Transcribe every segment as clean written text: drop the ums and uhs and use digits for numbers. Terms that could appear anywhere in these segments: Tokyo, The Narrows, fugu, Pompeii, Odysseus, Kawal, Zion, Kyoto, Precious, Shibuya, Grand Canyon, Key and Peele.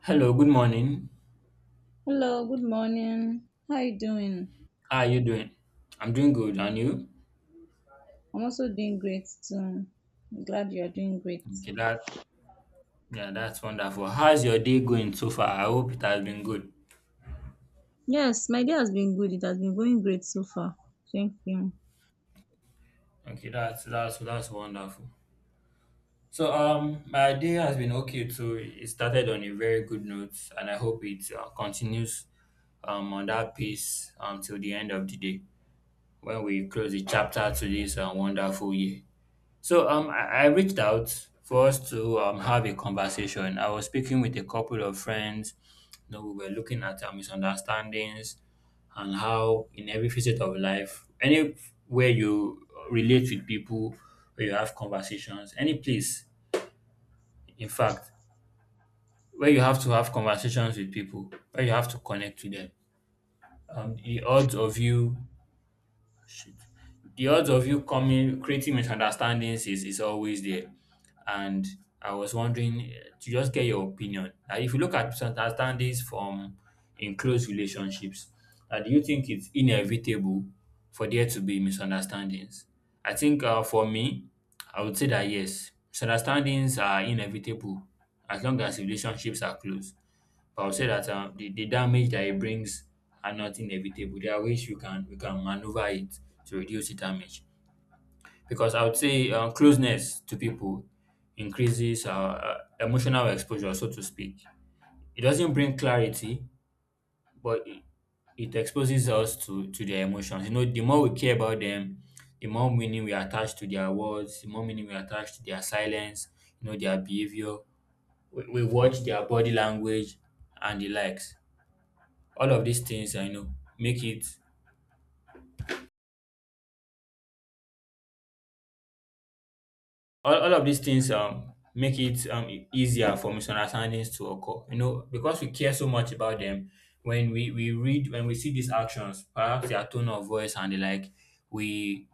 Hello, good morning. Hello, good morning. How you doing? How are you doing? I'm doing good, and you? I'm also doing great too. I'm glad you are doing great. Okay, that yeah, that's wonderful. How's your day going so far? I hope it has been good. Yes, my day has been good. It has been going great so far. Thank you. Okay, that's wonderful. So my day has been okay too. It started on a very good note, and I hope it continues on that pace until the end of the day when we close the chapter to this wonderful year. So I reached out for us to have a conversation. I was speaking with a couple of friends. You know, we were looking at our misunderstandings and how, in every facet of life, anywhere you relate with people, where you have conversations, any place, in fact, where you have to have conversations with people, where you have to connect with them, the odds of you Shit. The odds of you coming creating misunderstandings is always there. And I was wondering to just get your opinion. If you look at misunderstandings from in close relationships, do you think it's inevitable for there to be misunderstandings? I think for me, I would say that yes, misunderstandings are inevitable as long as relationships are close. But I would say that the damage that it brings are not inevitable. There are ways you can maneuver it to reduce the damage. Because I would say closeness to people increases emotional exposure, so to speak. It doesn't bring clarity, but it, it exposes us to their emotions. You know, the more we care about them, the more meaning we attach to their words, the more meaning we attach to their silence, you know, their behavior. We watch their body language and the likes. All of these things you know make it all of these things make it e- easier for misunderstandings to occur, you know, because we care so much about them. When we see these actions, perhaps their tone of voice and the like, we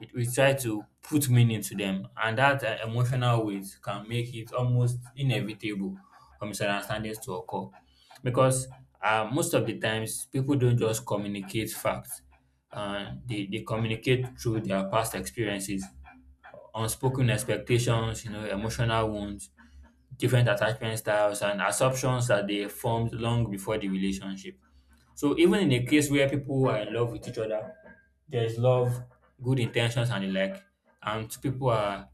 we try to put meaning to them, and that emotional weight can make it almost inevitable for misunderstandings to occur. Because most of the times, people don't just communicate facts, they communicate through their past experiences, unspoken expectations, you know, emotional wounds, different attachment styles, and assumptions that they formed long before the relationship. So even in a case where people are in love with each other, there's love, good intentions and the like, and two people are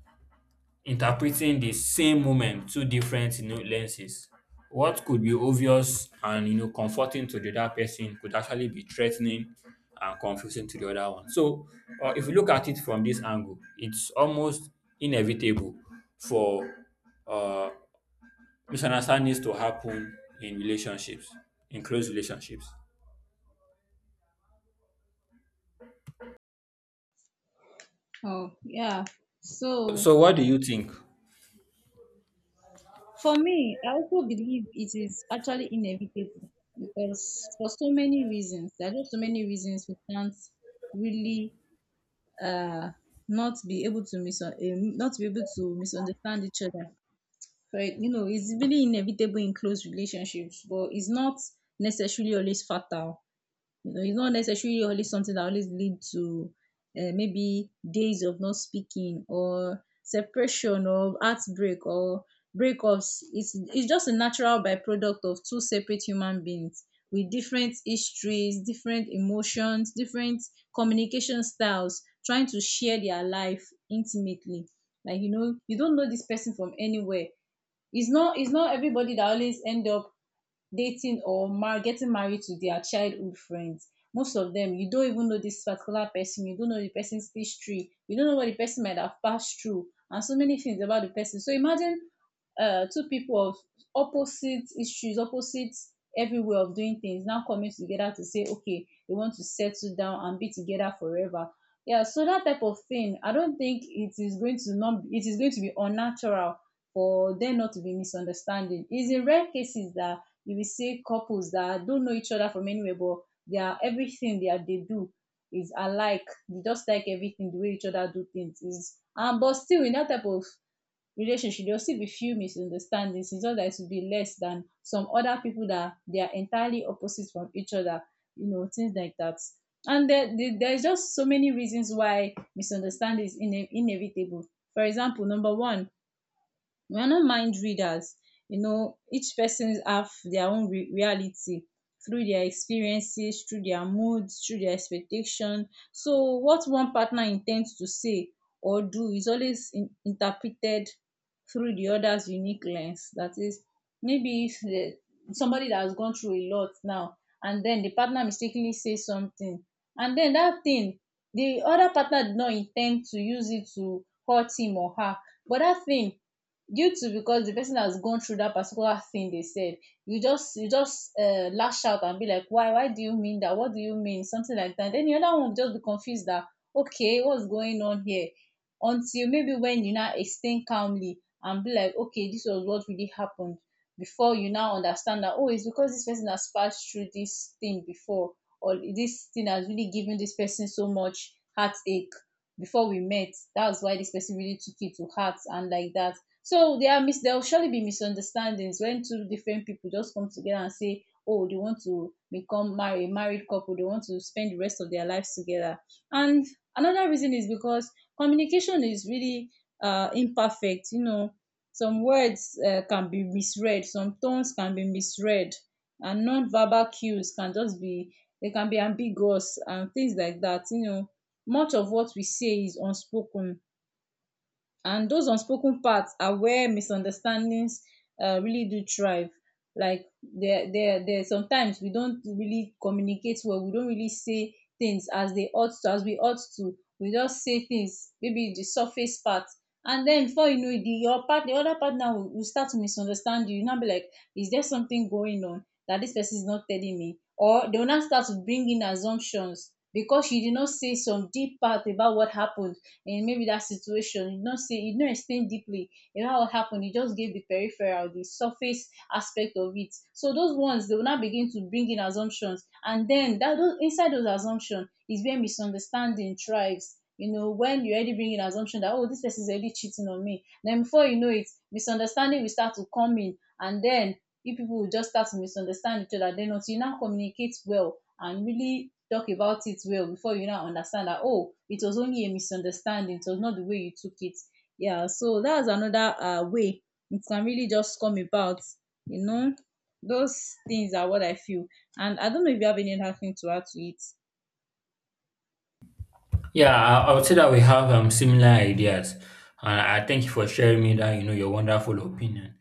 interpreting the same moment through different, you know, lenses. What could be obvious and, you know, comforting to the other person could actually be threatening and confusing to the other one. So if you look at it from this angle, it's almost inevitable for uh, misunderstandings to happen in relationships, in close relationships. Oh, yeah. So, So what do you think? for me, I also believe it is actually inevitable because for so many reasons, there are just so many reasons we can't really uh not be able to not be able to misunderstand each other, right? You know, it's really inevitable in close relationships, but it's not necessarily always fatal. You know, it's not necessarily always something that always lead to maybe days of not speaking, or separation, or heartbreak, or breakups. It's just a natural byproduct of two separate human beings with different histories, different emotions, different communication styles, trying to share their life intimately. Like, you know, you don't know this person from anywhere. It's not, everybody that always end up dating or getting married to their childhood friends. Most of them, you don't even know this particular person. You don't know the person's history. You don't know what the person might have passed through, and so many things about the person. So imagine two people of opposite issues, opposite every way of doing things, now coming together to say, okay, they want to settle down and be together forever. Yeah, so that type of thing, I don't think it is going to be unnatural for them not to be misunderstanding. It's in rare cases that you will see couples that don't know each other from anywhere, but they are, everything that they do is alike. They just like everything the way each other do things is. But still in that type of relationship, there'll still be few misunderstandings. It's just that it will be less than some other people that they are entirely opposite from each other. You know, things like that. And there's just so many reasons why misunderstanding is inevitable. For example, number one, we are not mind readers. You know, each person have their own reality through their experiences, through their moods, through their expectation. So what one partner intends to say or do is always interpreted through the other's unique lens. That is, maybe if the- somebody that has gone through a lot now, and then the partner mistakenly says something, and then that thing, the other partner did not intend to use it to hurt him or her, but that thing, due to, because the person has gone through that particular thing they said, you just, lash out and be like, why, do you mean that? What do you mean? Something like that. Then the other one will just be confused that, okay, what's going on here? Until maybe when you now explain calmly and be like, okay, this was what really happened, before you now understand that, oh, it's because this person has passed through this thing before, or this thing has really given this person so much heartache before we met. That's why this person really took it to heart and like that. So there there will surely be misunderstandings when two different people just come together and say, oh, they want to become married, married couple, they want to spend the rest of their lives together. And another reason is because communication is really imperfect. You know, some words can be misread, some tones can be misread, and non-verbal cues can just be, they can be ambiguous and things like that. You know, much of what we say is unspoken, and those unspoken parts are where misunderstandings really do thrive. Like, there, there, there. Sometimes we don't really communicate well. We don't really say things as they ought to, as we ought to. We just say things, maybe the surface part, and then before you know it, the your part, the other partner will, start to misunderstand you. You now be like, is there something going on that this person is not telling me? Or they will now start to bring in assumptions because you did not say some deep part about what happened. And maybe that situation, you don't say, you don't explain deeply about what happened, you just gave the peripheral, the surface aspect of it. So those ones, they will now begin to bring in assumptions, and then that those inside those assumptions is where misunderstanding thrives. You know, when you already bring in assumption that, oh, this person is already cheating on me, then before you know it, misunderstanding will start to come in. And then if people will just start to misunderstand each other, then until you now communicate well and really talk about it well, before you now understand that, oh, it was only a misunderstanding, it was not the way you took it. Yeah, so that's another way it can really just come about, you know. Those things are what I feel, and I don't know if you have any other thing to add to it. Yeah, I would say that we have similar ideas, and I thank you for sharing me that, you know, your wonderful opinion.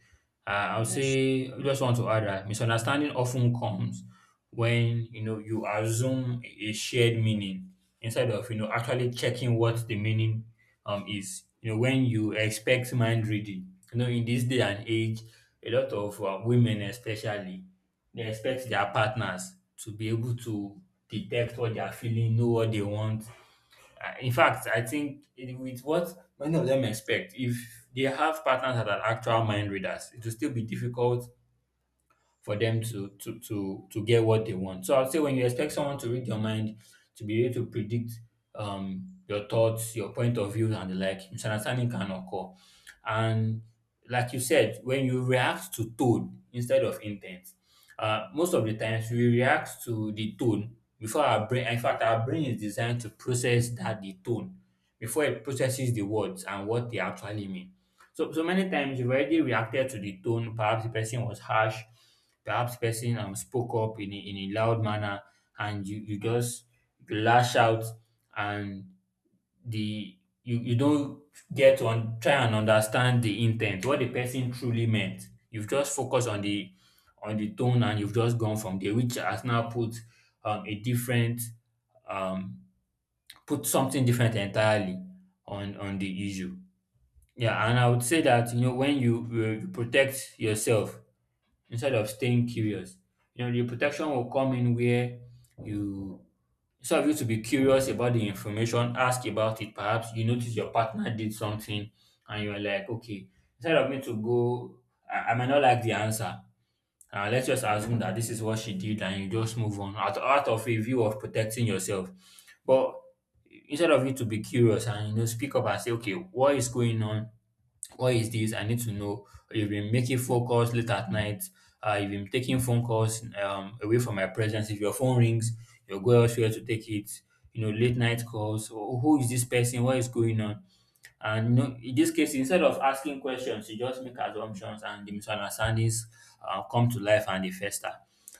I would Yes. say I just want to add that misunderstanding often comes when, you know, you assume a shared meaning instead of, you know, actually checking what the meaning is. You know, when you expect mind reading, you know, in this day and age, a lot of women especially, they expect their partners to be able to detect what they are feeling, know what they want. In fact, I think with what many of them expect, if they have partners that are actual mind readers, it will still be difficult for them to get what they want. So I will say when you expect someone to read your mind, to be able to predict your thoughts, your point of view, and the like, misunderstanding can occur. And like you said, when you react to tone instead of intent, most of the times we react to the tone before our brain. In fact, our brain is designed to process that the tone before it processes the words and what they actually mean. So, so many times you've already reacted to the tone. Perhaps the person was harsh. Perhaps the person spoke up in in a loud manner, and you just lash out, and the you don't get to try and understand the intent, what the person truly meant. You've just focused on the tone, and you've just gone from there, which has now put a different um, put something different entirely on the issue. Yeah, and I would say that, you know, when you, you protect yourself instead of staying curious, you know, the protection will come in where you, instead of you to be curious about the information, ask about it. Perhaps you notice your partner did something, and you are like, okay, instead of me to go, I might not like the answer. Let's just assume that this is what she did, and you just move on out, out of a view of protecting yourself. But instead of you to be curious and, you know, speak up and say, okay, what is going on? What is this? I need to know. You've been making phone calls late at night. You've been taking phone calls away from my presence. If your phone rings, you'll go elsewhere to take it. You know, late night calls. Oh, who is this person? What is going on? And no, in this case, instead of asking questions, you just make assumptions and the misunderstandings come to life and they fester.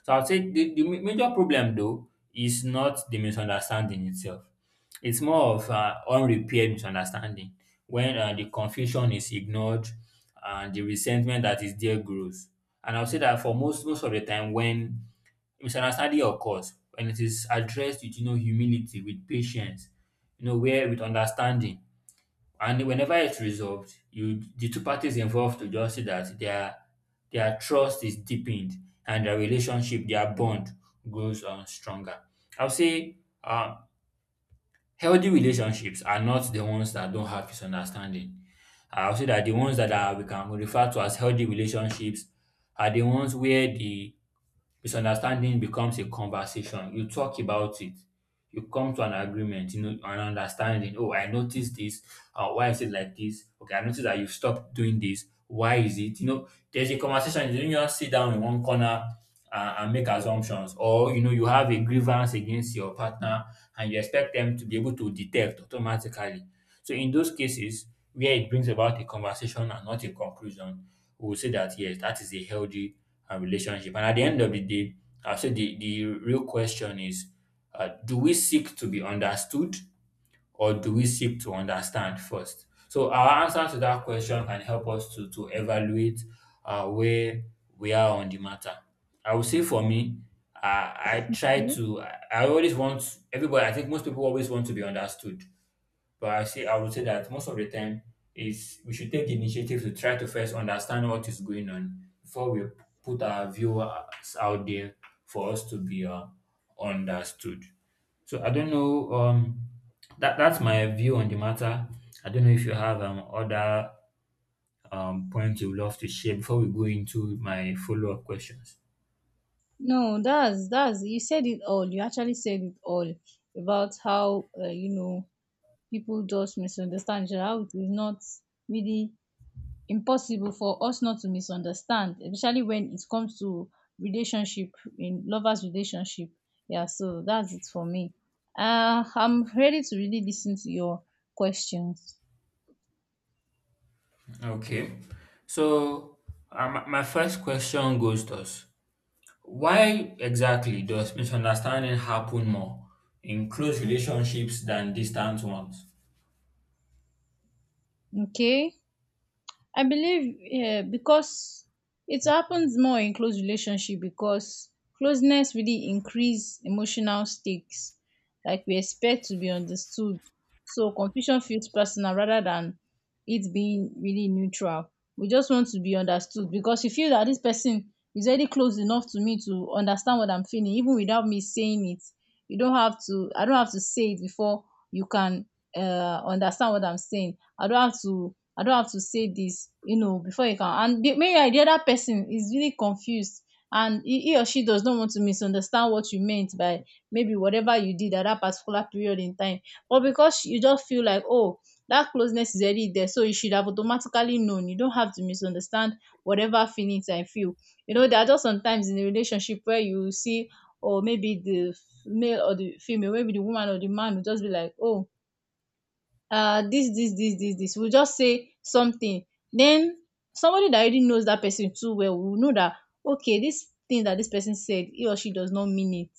So I'd say the major problem, though, is not the misunderstanding itself. It's more of unrepaired misunderstanding when the confusion is ignored and the resentment that is there grows. And I'll say that for most of the time, when misunderstanding occurs, when it is addressed with, you know, humility, with patience, you know, where with understanding, and whenever it's resolved, you the two parties involved will just see that their trust is deepened and their relationship, their bond grows stronger. I'll say um, healthy relationships are not the ones that don't have misunderstanding. I'll say that the ones that are, we can refer to as healthy relationships, are the ones where the misunderstanding becomes a conversation. You talk about it. You come to an agreement, you know, an understanding. Oh, I noticed this. Why is it like this? Okay, I noticed that you've stopped doing this. Why is it? You know, there's a conversation. You don't just sit down in one corner and make assumptions. Or, you know, you have a grievance against your partner and you expect them to be able to detect automatically. So in those cases where it brings about a conversation and not a conclusion, we will say that yes, that is a healthy relationship. And at the end of the day, I say the real question is do we seek to be understood or do we seek to understand first? So our answer to that question can help us to evaluate where we are on the matter. I would say for me, I try No, to, I always want everybody, I think most people always want to be understood, but I would say that most of the time is we should take the initiative to try to first understand what is going on before we put our viewers out there for us to be understood. So I don't know. That's my view on the matter. I don't know if you have other points you would love to share before we go into my follow up questions. No, that's you said it all. You actually said it all about how, you know, people just misunderstand each other, how it is not really impossible for us not to misunderstand, especially when it comes to relationship, in lovers relationship. Yeah, so that's it for me. I'm ready to really listen to your questions. Okay, so my my first question goes to us. Why exactly does misunderstanding happen more in close relationships than distant ones? Okay. I believe, yeah, because it happens more in close relationship because closeness really increase emotional stakes. Like, we expect to be understood. So confusion feels personal rather than it being really neutral. We just want to be understood because you feel that this person is already close enough to me to understand what I'm feeling, even without me saying it. You don't have to, I don't have to say it before you can understand what I'm saying. I don't have to say this, you know, before you can. And maybe the other person is really confused, and he or she does not want to misunderstand what you meant by maybe whatever you did at that particular period in time. But because you just feel like, oh, that closeness is already there, so you should have automatically known. You don't have to misunderstand whatever feelings I feel. You know, there are just sometimes in a relationship where you see, or maybe the male or the female, maybe the woman or the man will just be like, oh, this this this this this we'll just say something. Then somebody that already knows that person too well will know that, okay, this thing that this person said, he or she does not mean it.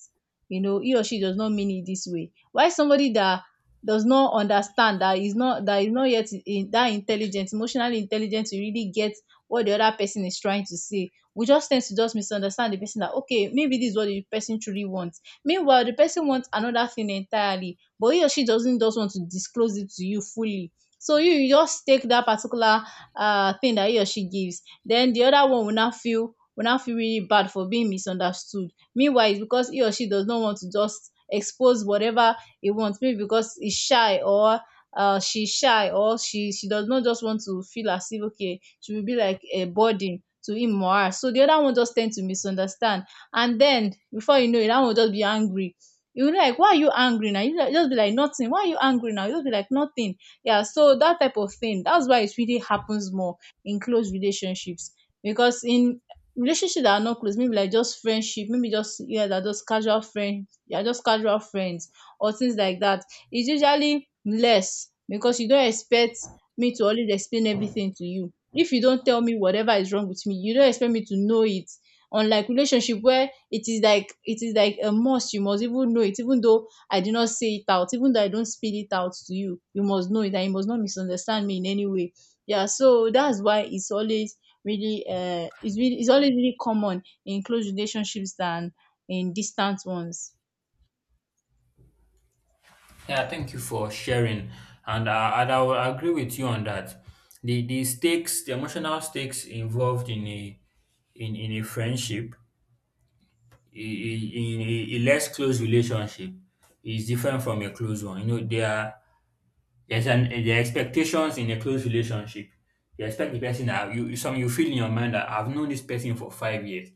You know, he or she does not mean it this way. Why, somebody that does not understand that, is not, yet in, that intelligent, emotionally intelligent to really get what the other person is trying to say, we just tend to just misunderstand the person, that okay, maybe this is what the person truly wants, meanwhile the person wants another thing entirely, but he or she doesn't just want to disclose it to you fully. So you just take that particular thing that he or she gives. Then the other one will not feel, really bad for being misunderstood, meanwhile it's because he or she does not want to just expose whatever he wants, maybe because he's shy, or she's shy, or she does not just want to feel as if, okay, she will be like a burden to him or her. So the other one just tend to misunderstand, and then before you know it, that one will just be angry. You like, why are you angry now? You like, just be like, nothing. Why are you angry now? You just be like, nothing. Yeah, so that type of thing, that's why it really happens more in close relationships. Because in relationships that are not close, maybe like just friendship, maybe just, yeah, they're just casual friends, or things like that, it's usually less, because you don't expect me to always explain everything to you. If you don't tell me whatever is wrong with me, you don't expect me to know it. Unlike relationship where it is like, a must, you must even know it. Even though I do not say it out, even though I don't spill it out to you, you must know it, and you must not misunderstand me in any way. Yeah, so that's why it's always really, it's always really common in close relationships than in distant ones. Yeah, thank you for sharing, and I will agree with you on that. The stakes, the emotional stakes involved in a in a friendship, in a less close relationship, is different from a close one. You know, there are expectations in a close relationship. You expect the person that you feel in your mind that I've known this person for 5 years.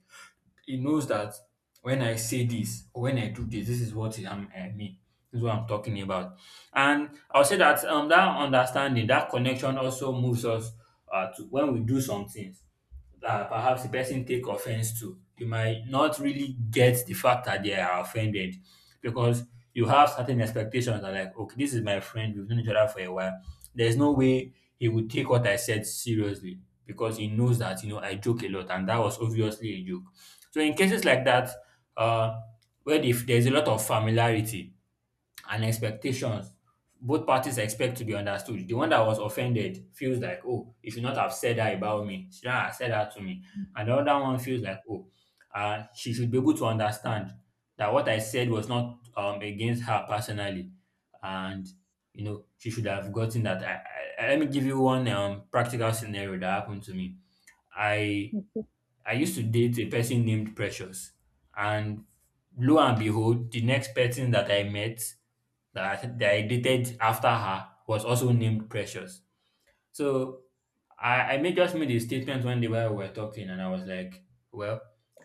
He knows that when I say this or when I do this, this is what I mean. This is what I'm talking about. And I'll say that that understanding, that connection also moves us to when we do some things that perhaps the person take offense to. You might not really get the fact that they are offended because you have certain expectations that, like, okay, this is my friend, we've known each other for a while. There's no way he would take what I said seriously because he knows that I joke a lot and that was obviously a joke. So in cases like that, uh, where if there's a lot of familiarity and expectations, both parties expect to be understood. The one that was offended feels like, oh, you should not have said that about me. She should not have said that to me. And the other one feels like, oh, she should be able to understand that what I said was not against her personally. And, she should have gotten that. Let me give you one practical scenario that happened to me. I Okay. I used to date a person named Precious, and lo and behold, the next person that I met that I dated after her was also named Precious. So I made just made a statement one day while we were talking, and I was like, well,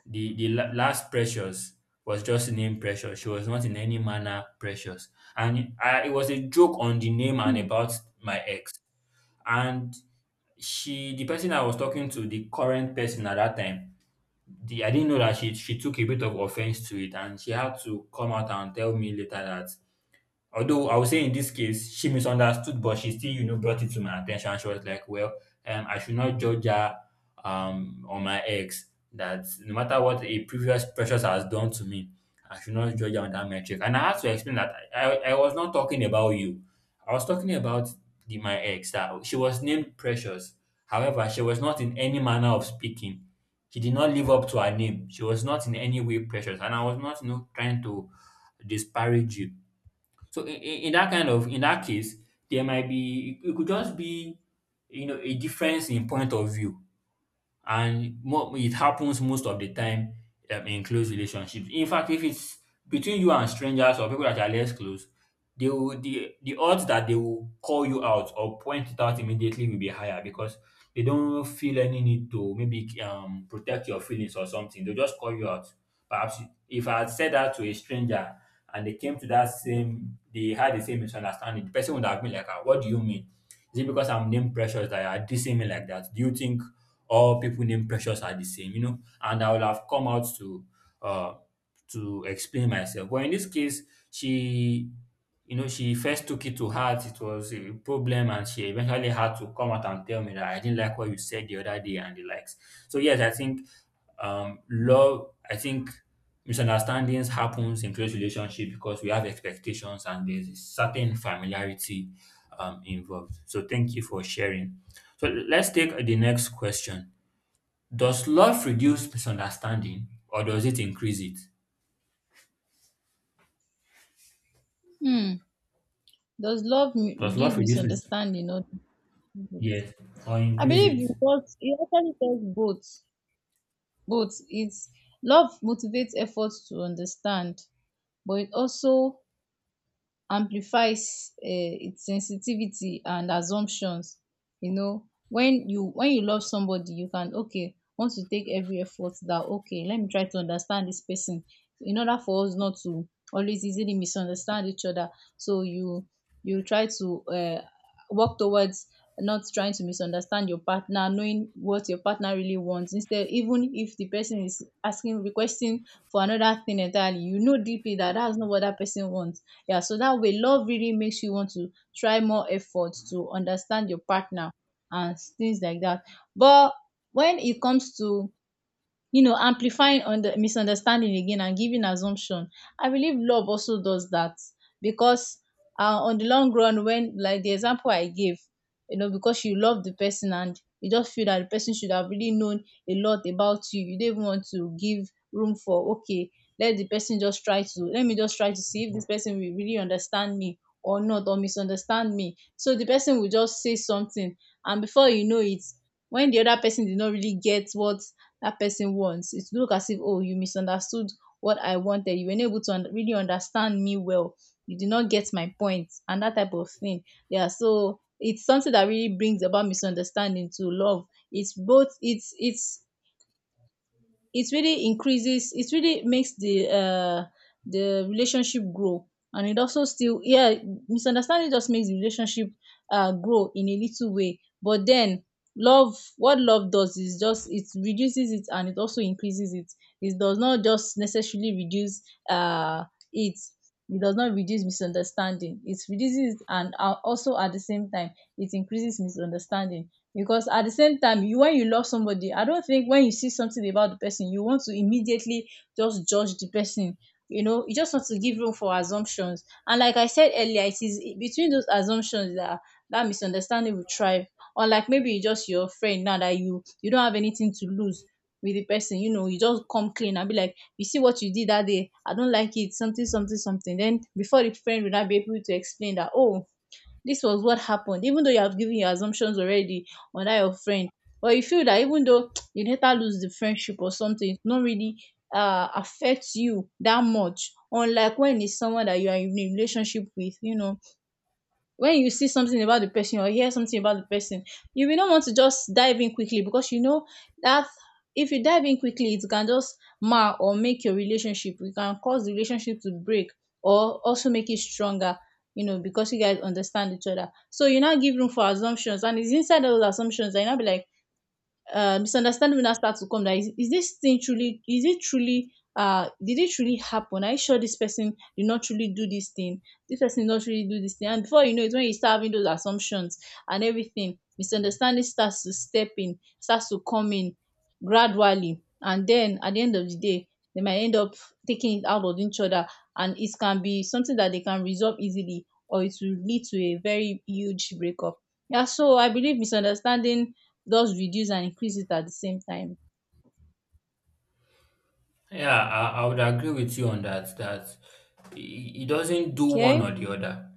the last Precious was just named Precious. She was not in any manner precious. And I, it was a joke on the name and Hmm. about my ex. And she, the person I was talking to, the current person at that time, the I didn't know that she took a bit of offense to it and she had to come out and tell me later that although I would say in this case she misunderstood, but she still, brought it to my attention. She was like, "Well, I should not judge her on my ex. That no matter what a previous precious has done to me, I should not judge her on that metric." And I had to explain that I was not talking about you. I was talking about the my ex. That she was named Precious. However, she was not in any manner of speaking. She did not live up to her name. She was not in any way precious, and I was not, trying to disparage you. So in that case, there might be it could just be a difference in point of view and mo it happens most of the time in close relationships. In fact, if it's between you and strangers or people that are less close, they will the odds that they will call you out or point it out immediately will be higher because they don't feel any need to maybe protect your feelings or something. They'll just call you out. Perhaps if I had said that to a stranger and they came to that same they had the same misunderstanding, the person would have been like, "Ah, what do you mean? Is it because I'm name precious that you are dissing me like that? Do you think all people named Precious are the same, and I would have come out uh to explain myself. But in this case, she she first took it to heart. It was a problem, and she eventually had to come out and tell me that I didn't like what you said the other day and the likes. So yes, I think love. I think misunderstandings happens in close relationship because we have expectations and there's a certain familiarity involved. So thank you for sharing. So let's take the next question. Does love reduce misunderstanding or does it increase it? Hmm. Does love Does reduce love reduce mis- misunderstanding or differences? yes or I increase believe it? you got it, actually does both. Both, it's love motivates efforts to understand, but it also amplifies its sensitivity and assumptions. You know, when you love somebody, you can, okay, want to take every effort that, okay, let me try to understand this person in order for us not to always easily misunderstand each other. So you try to work towards not trying to misunderstand your partner, knowing what your partner really wants. Instead, even if the person is asking, requesting for another thing entirely, you know deeply that that's not what that person wants. Yeah, so that way love really makes you want to try more effort to understand your partner and things like that. But when it comes to, you know, amplifying on the misunderstanding again and giving assumption, I believe love also does that because, on the long run, when, like the example I gave, you know, because you love the person and you just feel that the person should have really known a lot about you, you don't even want to give room for, okay, let the person just try to, let me just try to see if this person will really understand me or not, or misunderstand me, so the person will just say something, and before you know it, when the other person did not really get what that person wants. It look as if, oh, you misunderstood what I wanted. You were not able to really understand me well. You did not get my point and that type of thing. Yeah, so it's something that really brings about misunderstanding to love. It's both. It's it really increases, it really makes the relationship grow, and it also still, yeah, misunderstanding just makes the relationship grow in a little way, but then love, what love does is just, it reduces it and it also increases it. It does not just necessarily reduce, uh it, it does not reduce misunderstanding. It reduces it, and also at the same time it increases misunderstanding, because at the same time, you, when you love somebody, I don't think when you see something about the person you want to immediately just judge the person. You know, you just want to give room for assumptions, and like I said earlier, it is between those assumptions that misunderstanding will thrive. Or like maybe you just, your friend now that you don't have anything to lose with the person, you know, you just come clean and be like, you see what you did that day, I don't like it, something something something. Then before, the friend will not be able to explain that, oh, this was what happened, even though you have given your assumptions already on that your friend, but you feel that even though you later lose the friendship or something, it's not really affect you that much. Unlike when it's someone that you are in a relationship with, you know, when you see something about the person or hear something about the person, you will not want to just dive in quickly, because you know that if you dive in quickly, it can just mar or make your relationship. It can cause the relationship to break or also make it stronger, you know, because you guys understand each other. So you now give room for assumptions, and it's inside those assumptions that you now be like, misunderstanding will now start to come. That is this thing truly? Is it truly? Did it truly happen? Are you sure this person did not truly do this thing? This person did not really do this thing. And before you know it, when you start having those assumptions and everything, misunderstanding starts to step in, starts to come in gradually, and then at the end of the day, they might end up taking it out of each other, and it can be something that they can resolve easily, or it will lead to a very huge breakup. Yeah, so I believe misunderstanding just reduce and increase it at the same time. Yeah, I would agree with you on that. That it doesn't do one Okay. or the other.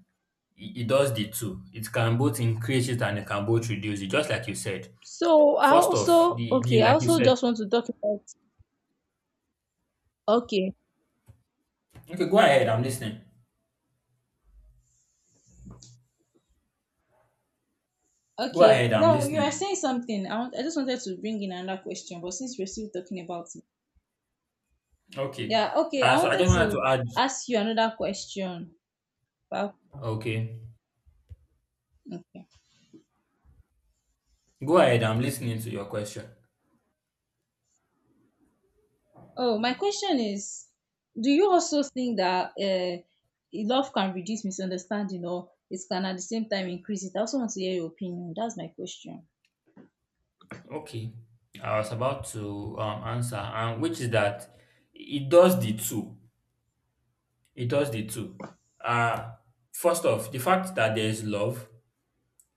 It does the two. It can both increase it and it can both reduce it, just like you said. So I First off, also, the okay, I like you also said. just want to talk about, okay. Okay, go ahead. I'm listening. Go Okay. ahead. I'm No, you are listening. saying something. I want, I just wanted to bring in another question, but since we're still talking about it. Okay. Yeah, okay. Uh, I so I wanted just wanted to to add. ask you another question. Wow. Okay. Okay. Go ahead. I'm listening to your question. Oh, my question is, do you also think that love can reduce misunderstanding, or it can at the same time increase it? I also want to hear your opinion. That's my question. Okay. I was about to answer, and which is that it does the two. It does the two. Uh, First off, the fact that there is love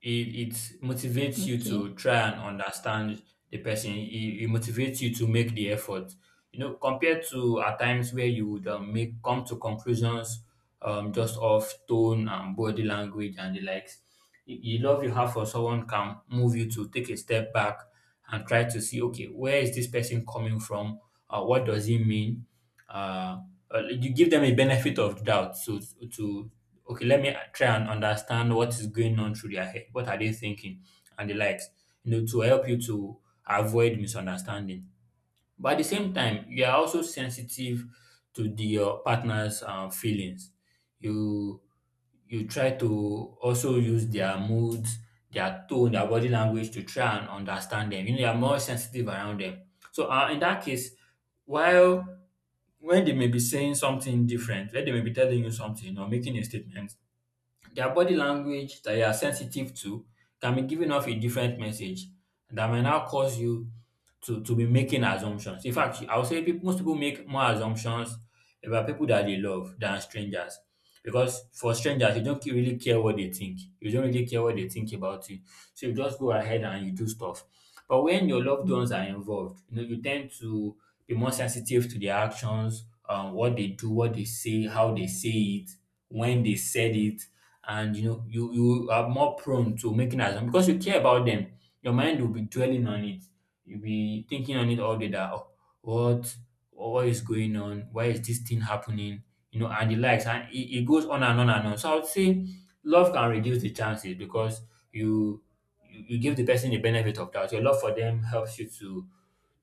it motivates you Okay. to try and understand the person. It motivates you to make the effort. You know, compared to at times where you would make come to conclusions just off tone and body language and the likes. The love you have for someone can move you to take a step back and try to see, okay, where is this person coming from? What does he mean? Uh, you give them a benefit of doubt so to okay, let me try and understand what is going on through their head. What are they thinking? And the likes, you know, to help you to avoid misunderstanding. But at the same time, you are also sensitive to the your partner's feelings. You try to also use their moods, their tone, their body language to try and understand them. You know, you are more sensitive around them. So in that case, while when they may be saying something different, when they may be telling you something or making a statement, their body language that you are sensitive to can be giving off a different message that may now cause you to be making assumptions. In fact, I would say peop most people make more assumptions about people that they love than strangers. Because for strangers, you don't ke- really care what they think. You don't really care what they think about you. So you just go ahead and you do stuff. But when your loved ones are involved, you know, you tend to be more sensitive to their actions, what they do, what they say, how they say it, when they said it, and you know you are more prone to making assumptions because you care about them your mind will be dwelling on it you'll be thinking on it all day that oh, what what is going on why is this thing happening you know and the likes and it goes on and on and on so I would say love can reduce the chances because you you give the person the benefit of doubt your love for them helps you to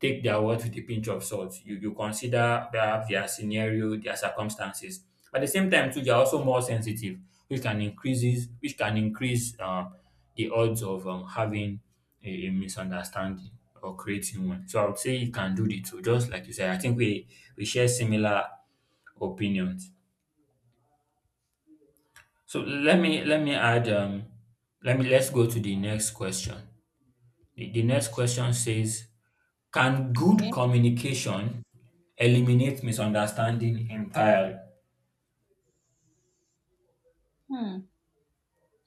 take their words with a pinch of salt. You consider perhaps their scenario, their circumstances. At the same time, too, they are also more sensitive, which can increases which can increase the odds of having a misunderstanding or creating one. So I would say you can do the two, just like you said. I think we share similar opinions. So let me add let me let's go to the next question. The next question says can good Okay. communication eliminate misunderstanding entirely? Hmm.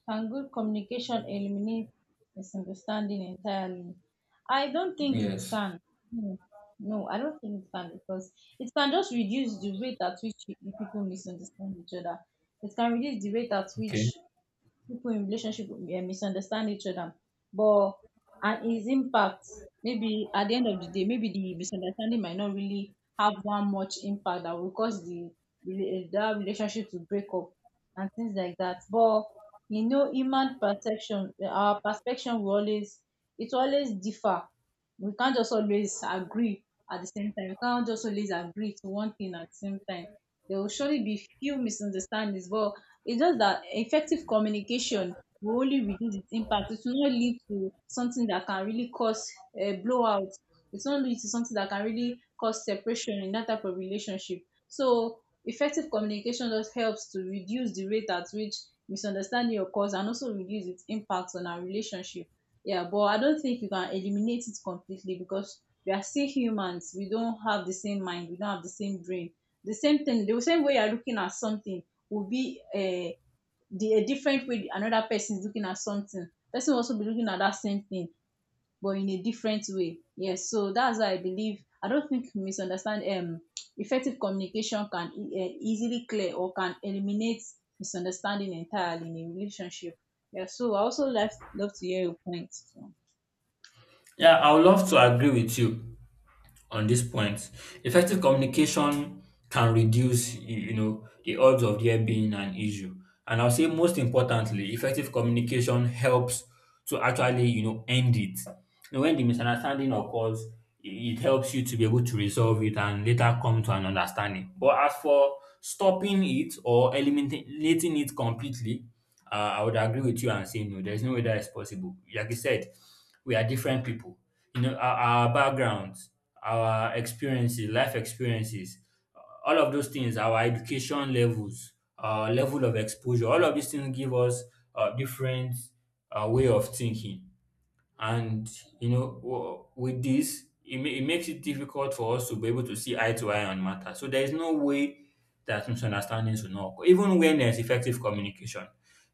Can good communication eliminate misunderstanding entirely? I don't think it Yes. can. No, no, I don't think it can, because it can just reduce the rate at which you people misunderstand each other. It can reduce the rate at which Okay. people in relationship, misunderstand each other, but, and its impact, maybe at the end of the day, maybe the misunderstanding might not really have one much impact that will cause the that relationship to break up and things like that. But you know, human perception, our perception will always, it will always differ. We can't just always agree at the same time. We can't just always agree to one thing at the same time. There will surely be few misunderstandings, but it's just that effective communication will only reduce its impact. It will not lead to something that can really cause a blowout. It will not lead to something that can really cause separation in that type of relationship. So effective communication just helps to reduce the rate at which misunderstanding occurs and also reduce its impact on our relationship. Yeah, but I don't think you can eliminate it completely, because we are still humans. We don't have the same mind. We don't have the same brain. The same thing, the same way you're looking at something, will be a, the, a different way another person is looking at something. Person will also be looking at that same thing, but in a different way. Yes, so that's why I believe, I don't think misunderstand, effective communication can easily clear or can eliminate misunderstanding entirely in a relationship. Yeah, so I also love to hear your points. So. Yeah, I would love to agree with you on this point. Effective communication can reduce, you know, the odds of there being an issue. And I'll say most importantly, effective communication helps to actually, you know, end it. You know, when the misunderstanding occurs, I- it helps you to be able to resolve it and later come to an understanding. But as for stopping it or eliminating it completely, I would agree with you and say no, there's no way that is possible. Like you said, we are different people you know our backgrounds our experiences life experiences uh, all of those things our education levels our level of exposure all of these things give us a different way of thinking and you know w- with this it, ma- it makes it difficult for us to be able to see eye to eye on matter so there is no way that misunderstandings will not occur even when there's effective communication I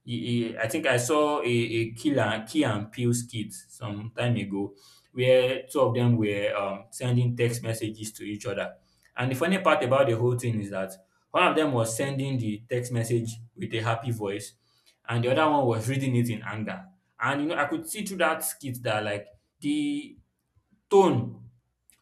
I- I think I saw a killer key and peel skit some time ago where two of them were sending text messages to each other and the funny part about the whole thing is that one of them was sending the text message with a happy voice and the other one was reading it in anger and you know, I could see through that skit that like the tone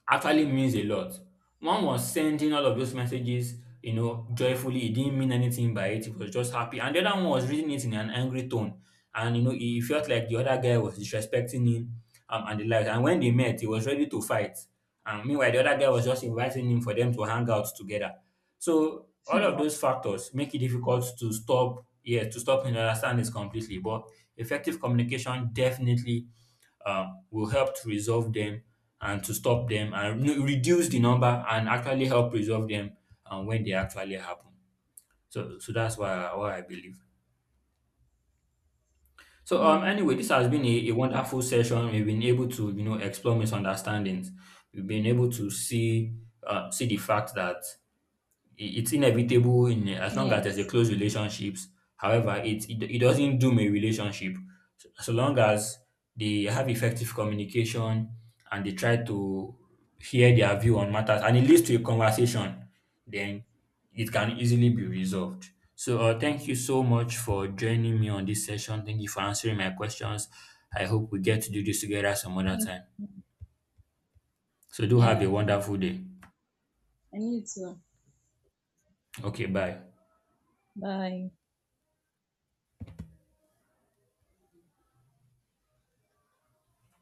actually means a lot. One was sending all of those messages, you know, joyfully. He didn't mean anything by it. He was just happy. And the other one was reading it in an angry tone. And, you know, he felt like the other guy was disrespecting him and the like. And when they met, he was ready to fight. And meanwhile, the other guy was just inviting him for them to hang out together. So all of Hmm. those factors make it difficult to stop, yeah, to stop and understand this completely. But effective communication definitely will help to resolve them and to stop them and re- reduce the number and actually help resolve them when they actually happen. So, so that's why I believe. So Oh anyway, this has been a wonderful session. We've been able to you know explore misunderstandings. We've been able to see see the fact that I it's inevitable in as long as there's a yes, close relationships. However, it doesn't doom a relationship. So, so long as they have effective communication and they try to hear their view on matters and it leads to a conversation, then it can easily be resolved. So thank you so much for joining me on this session. Thank you for answering my questions. I hope we get to do this together some other thank time. you. So do have a Yeah, wonderful day. I need to. Okay, bye. Bye.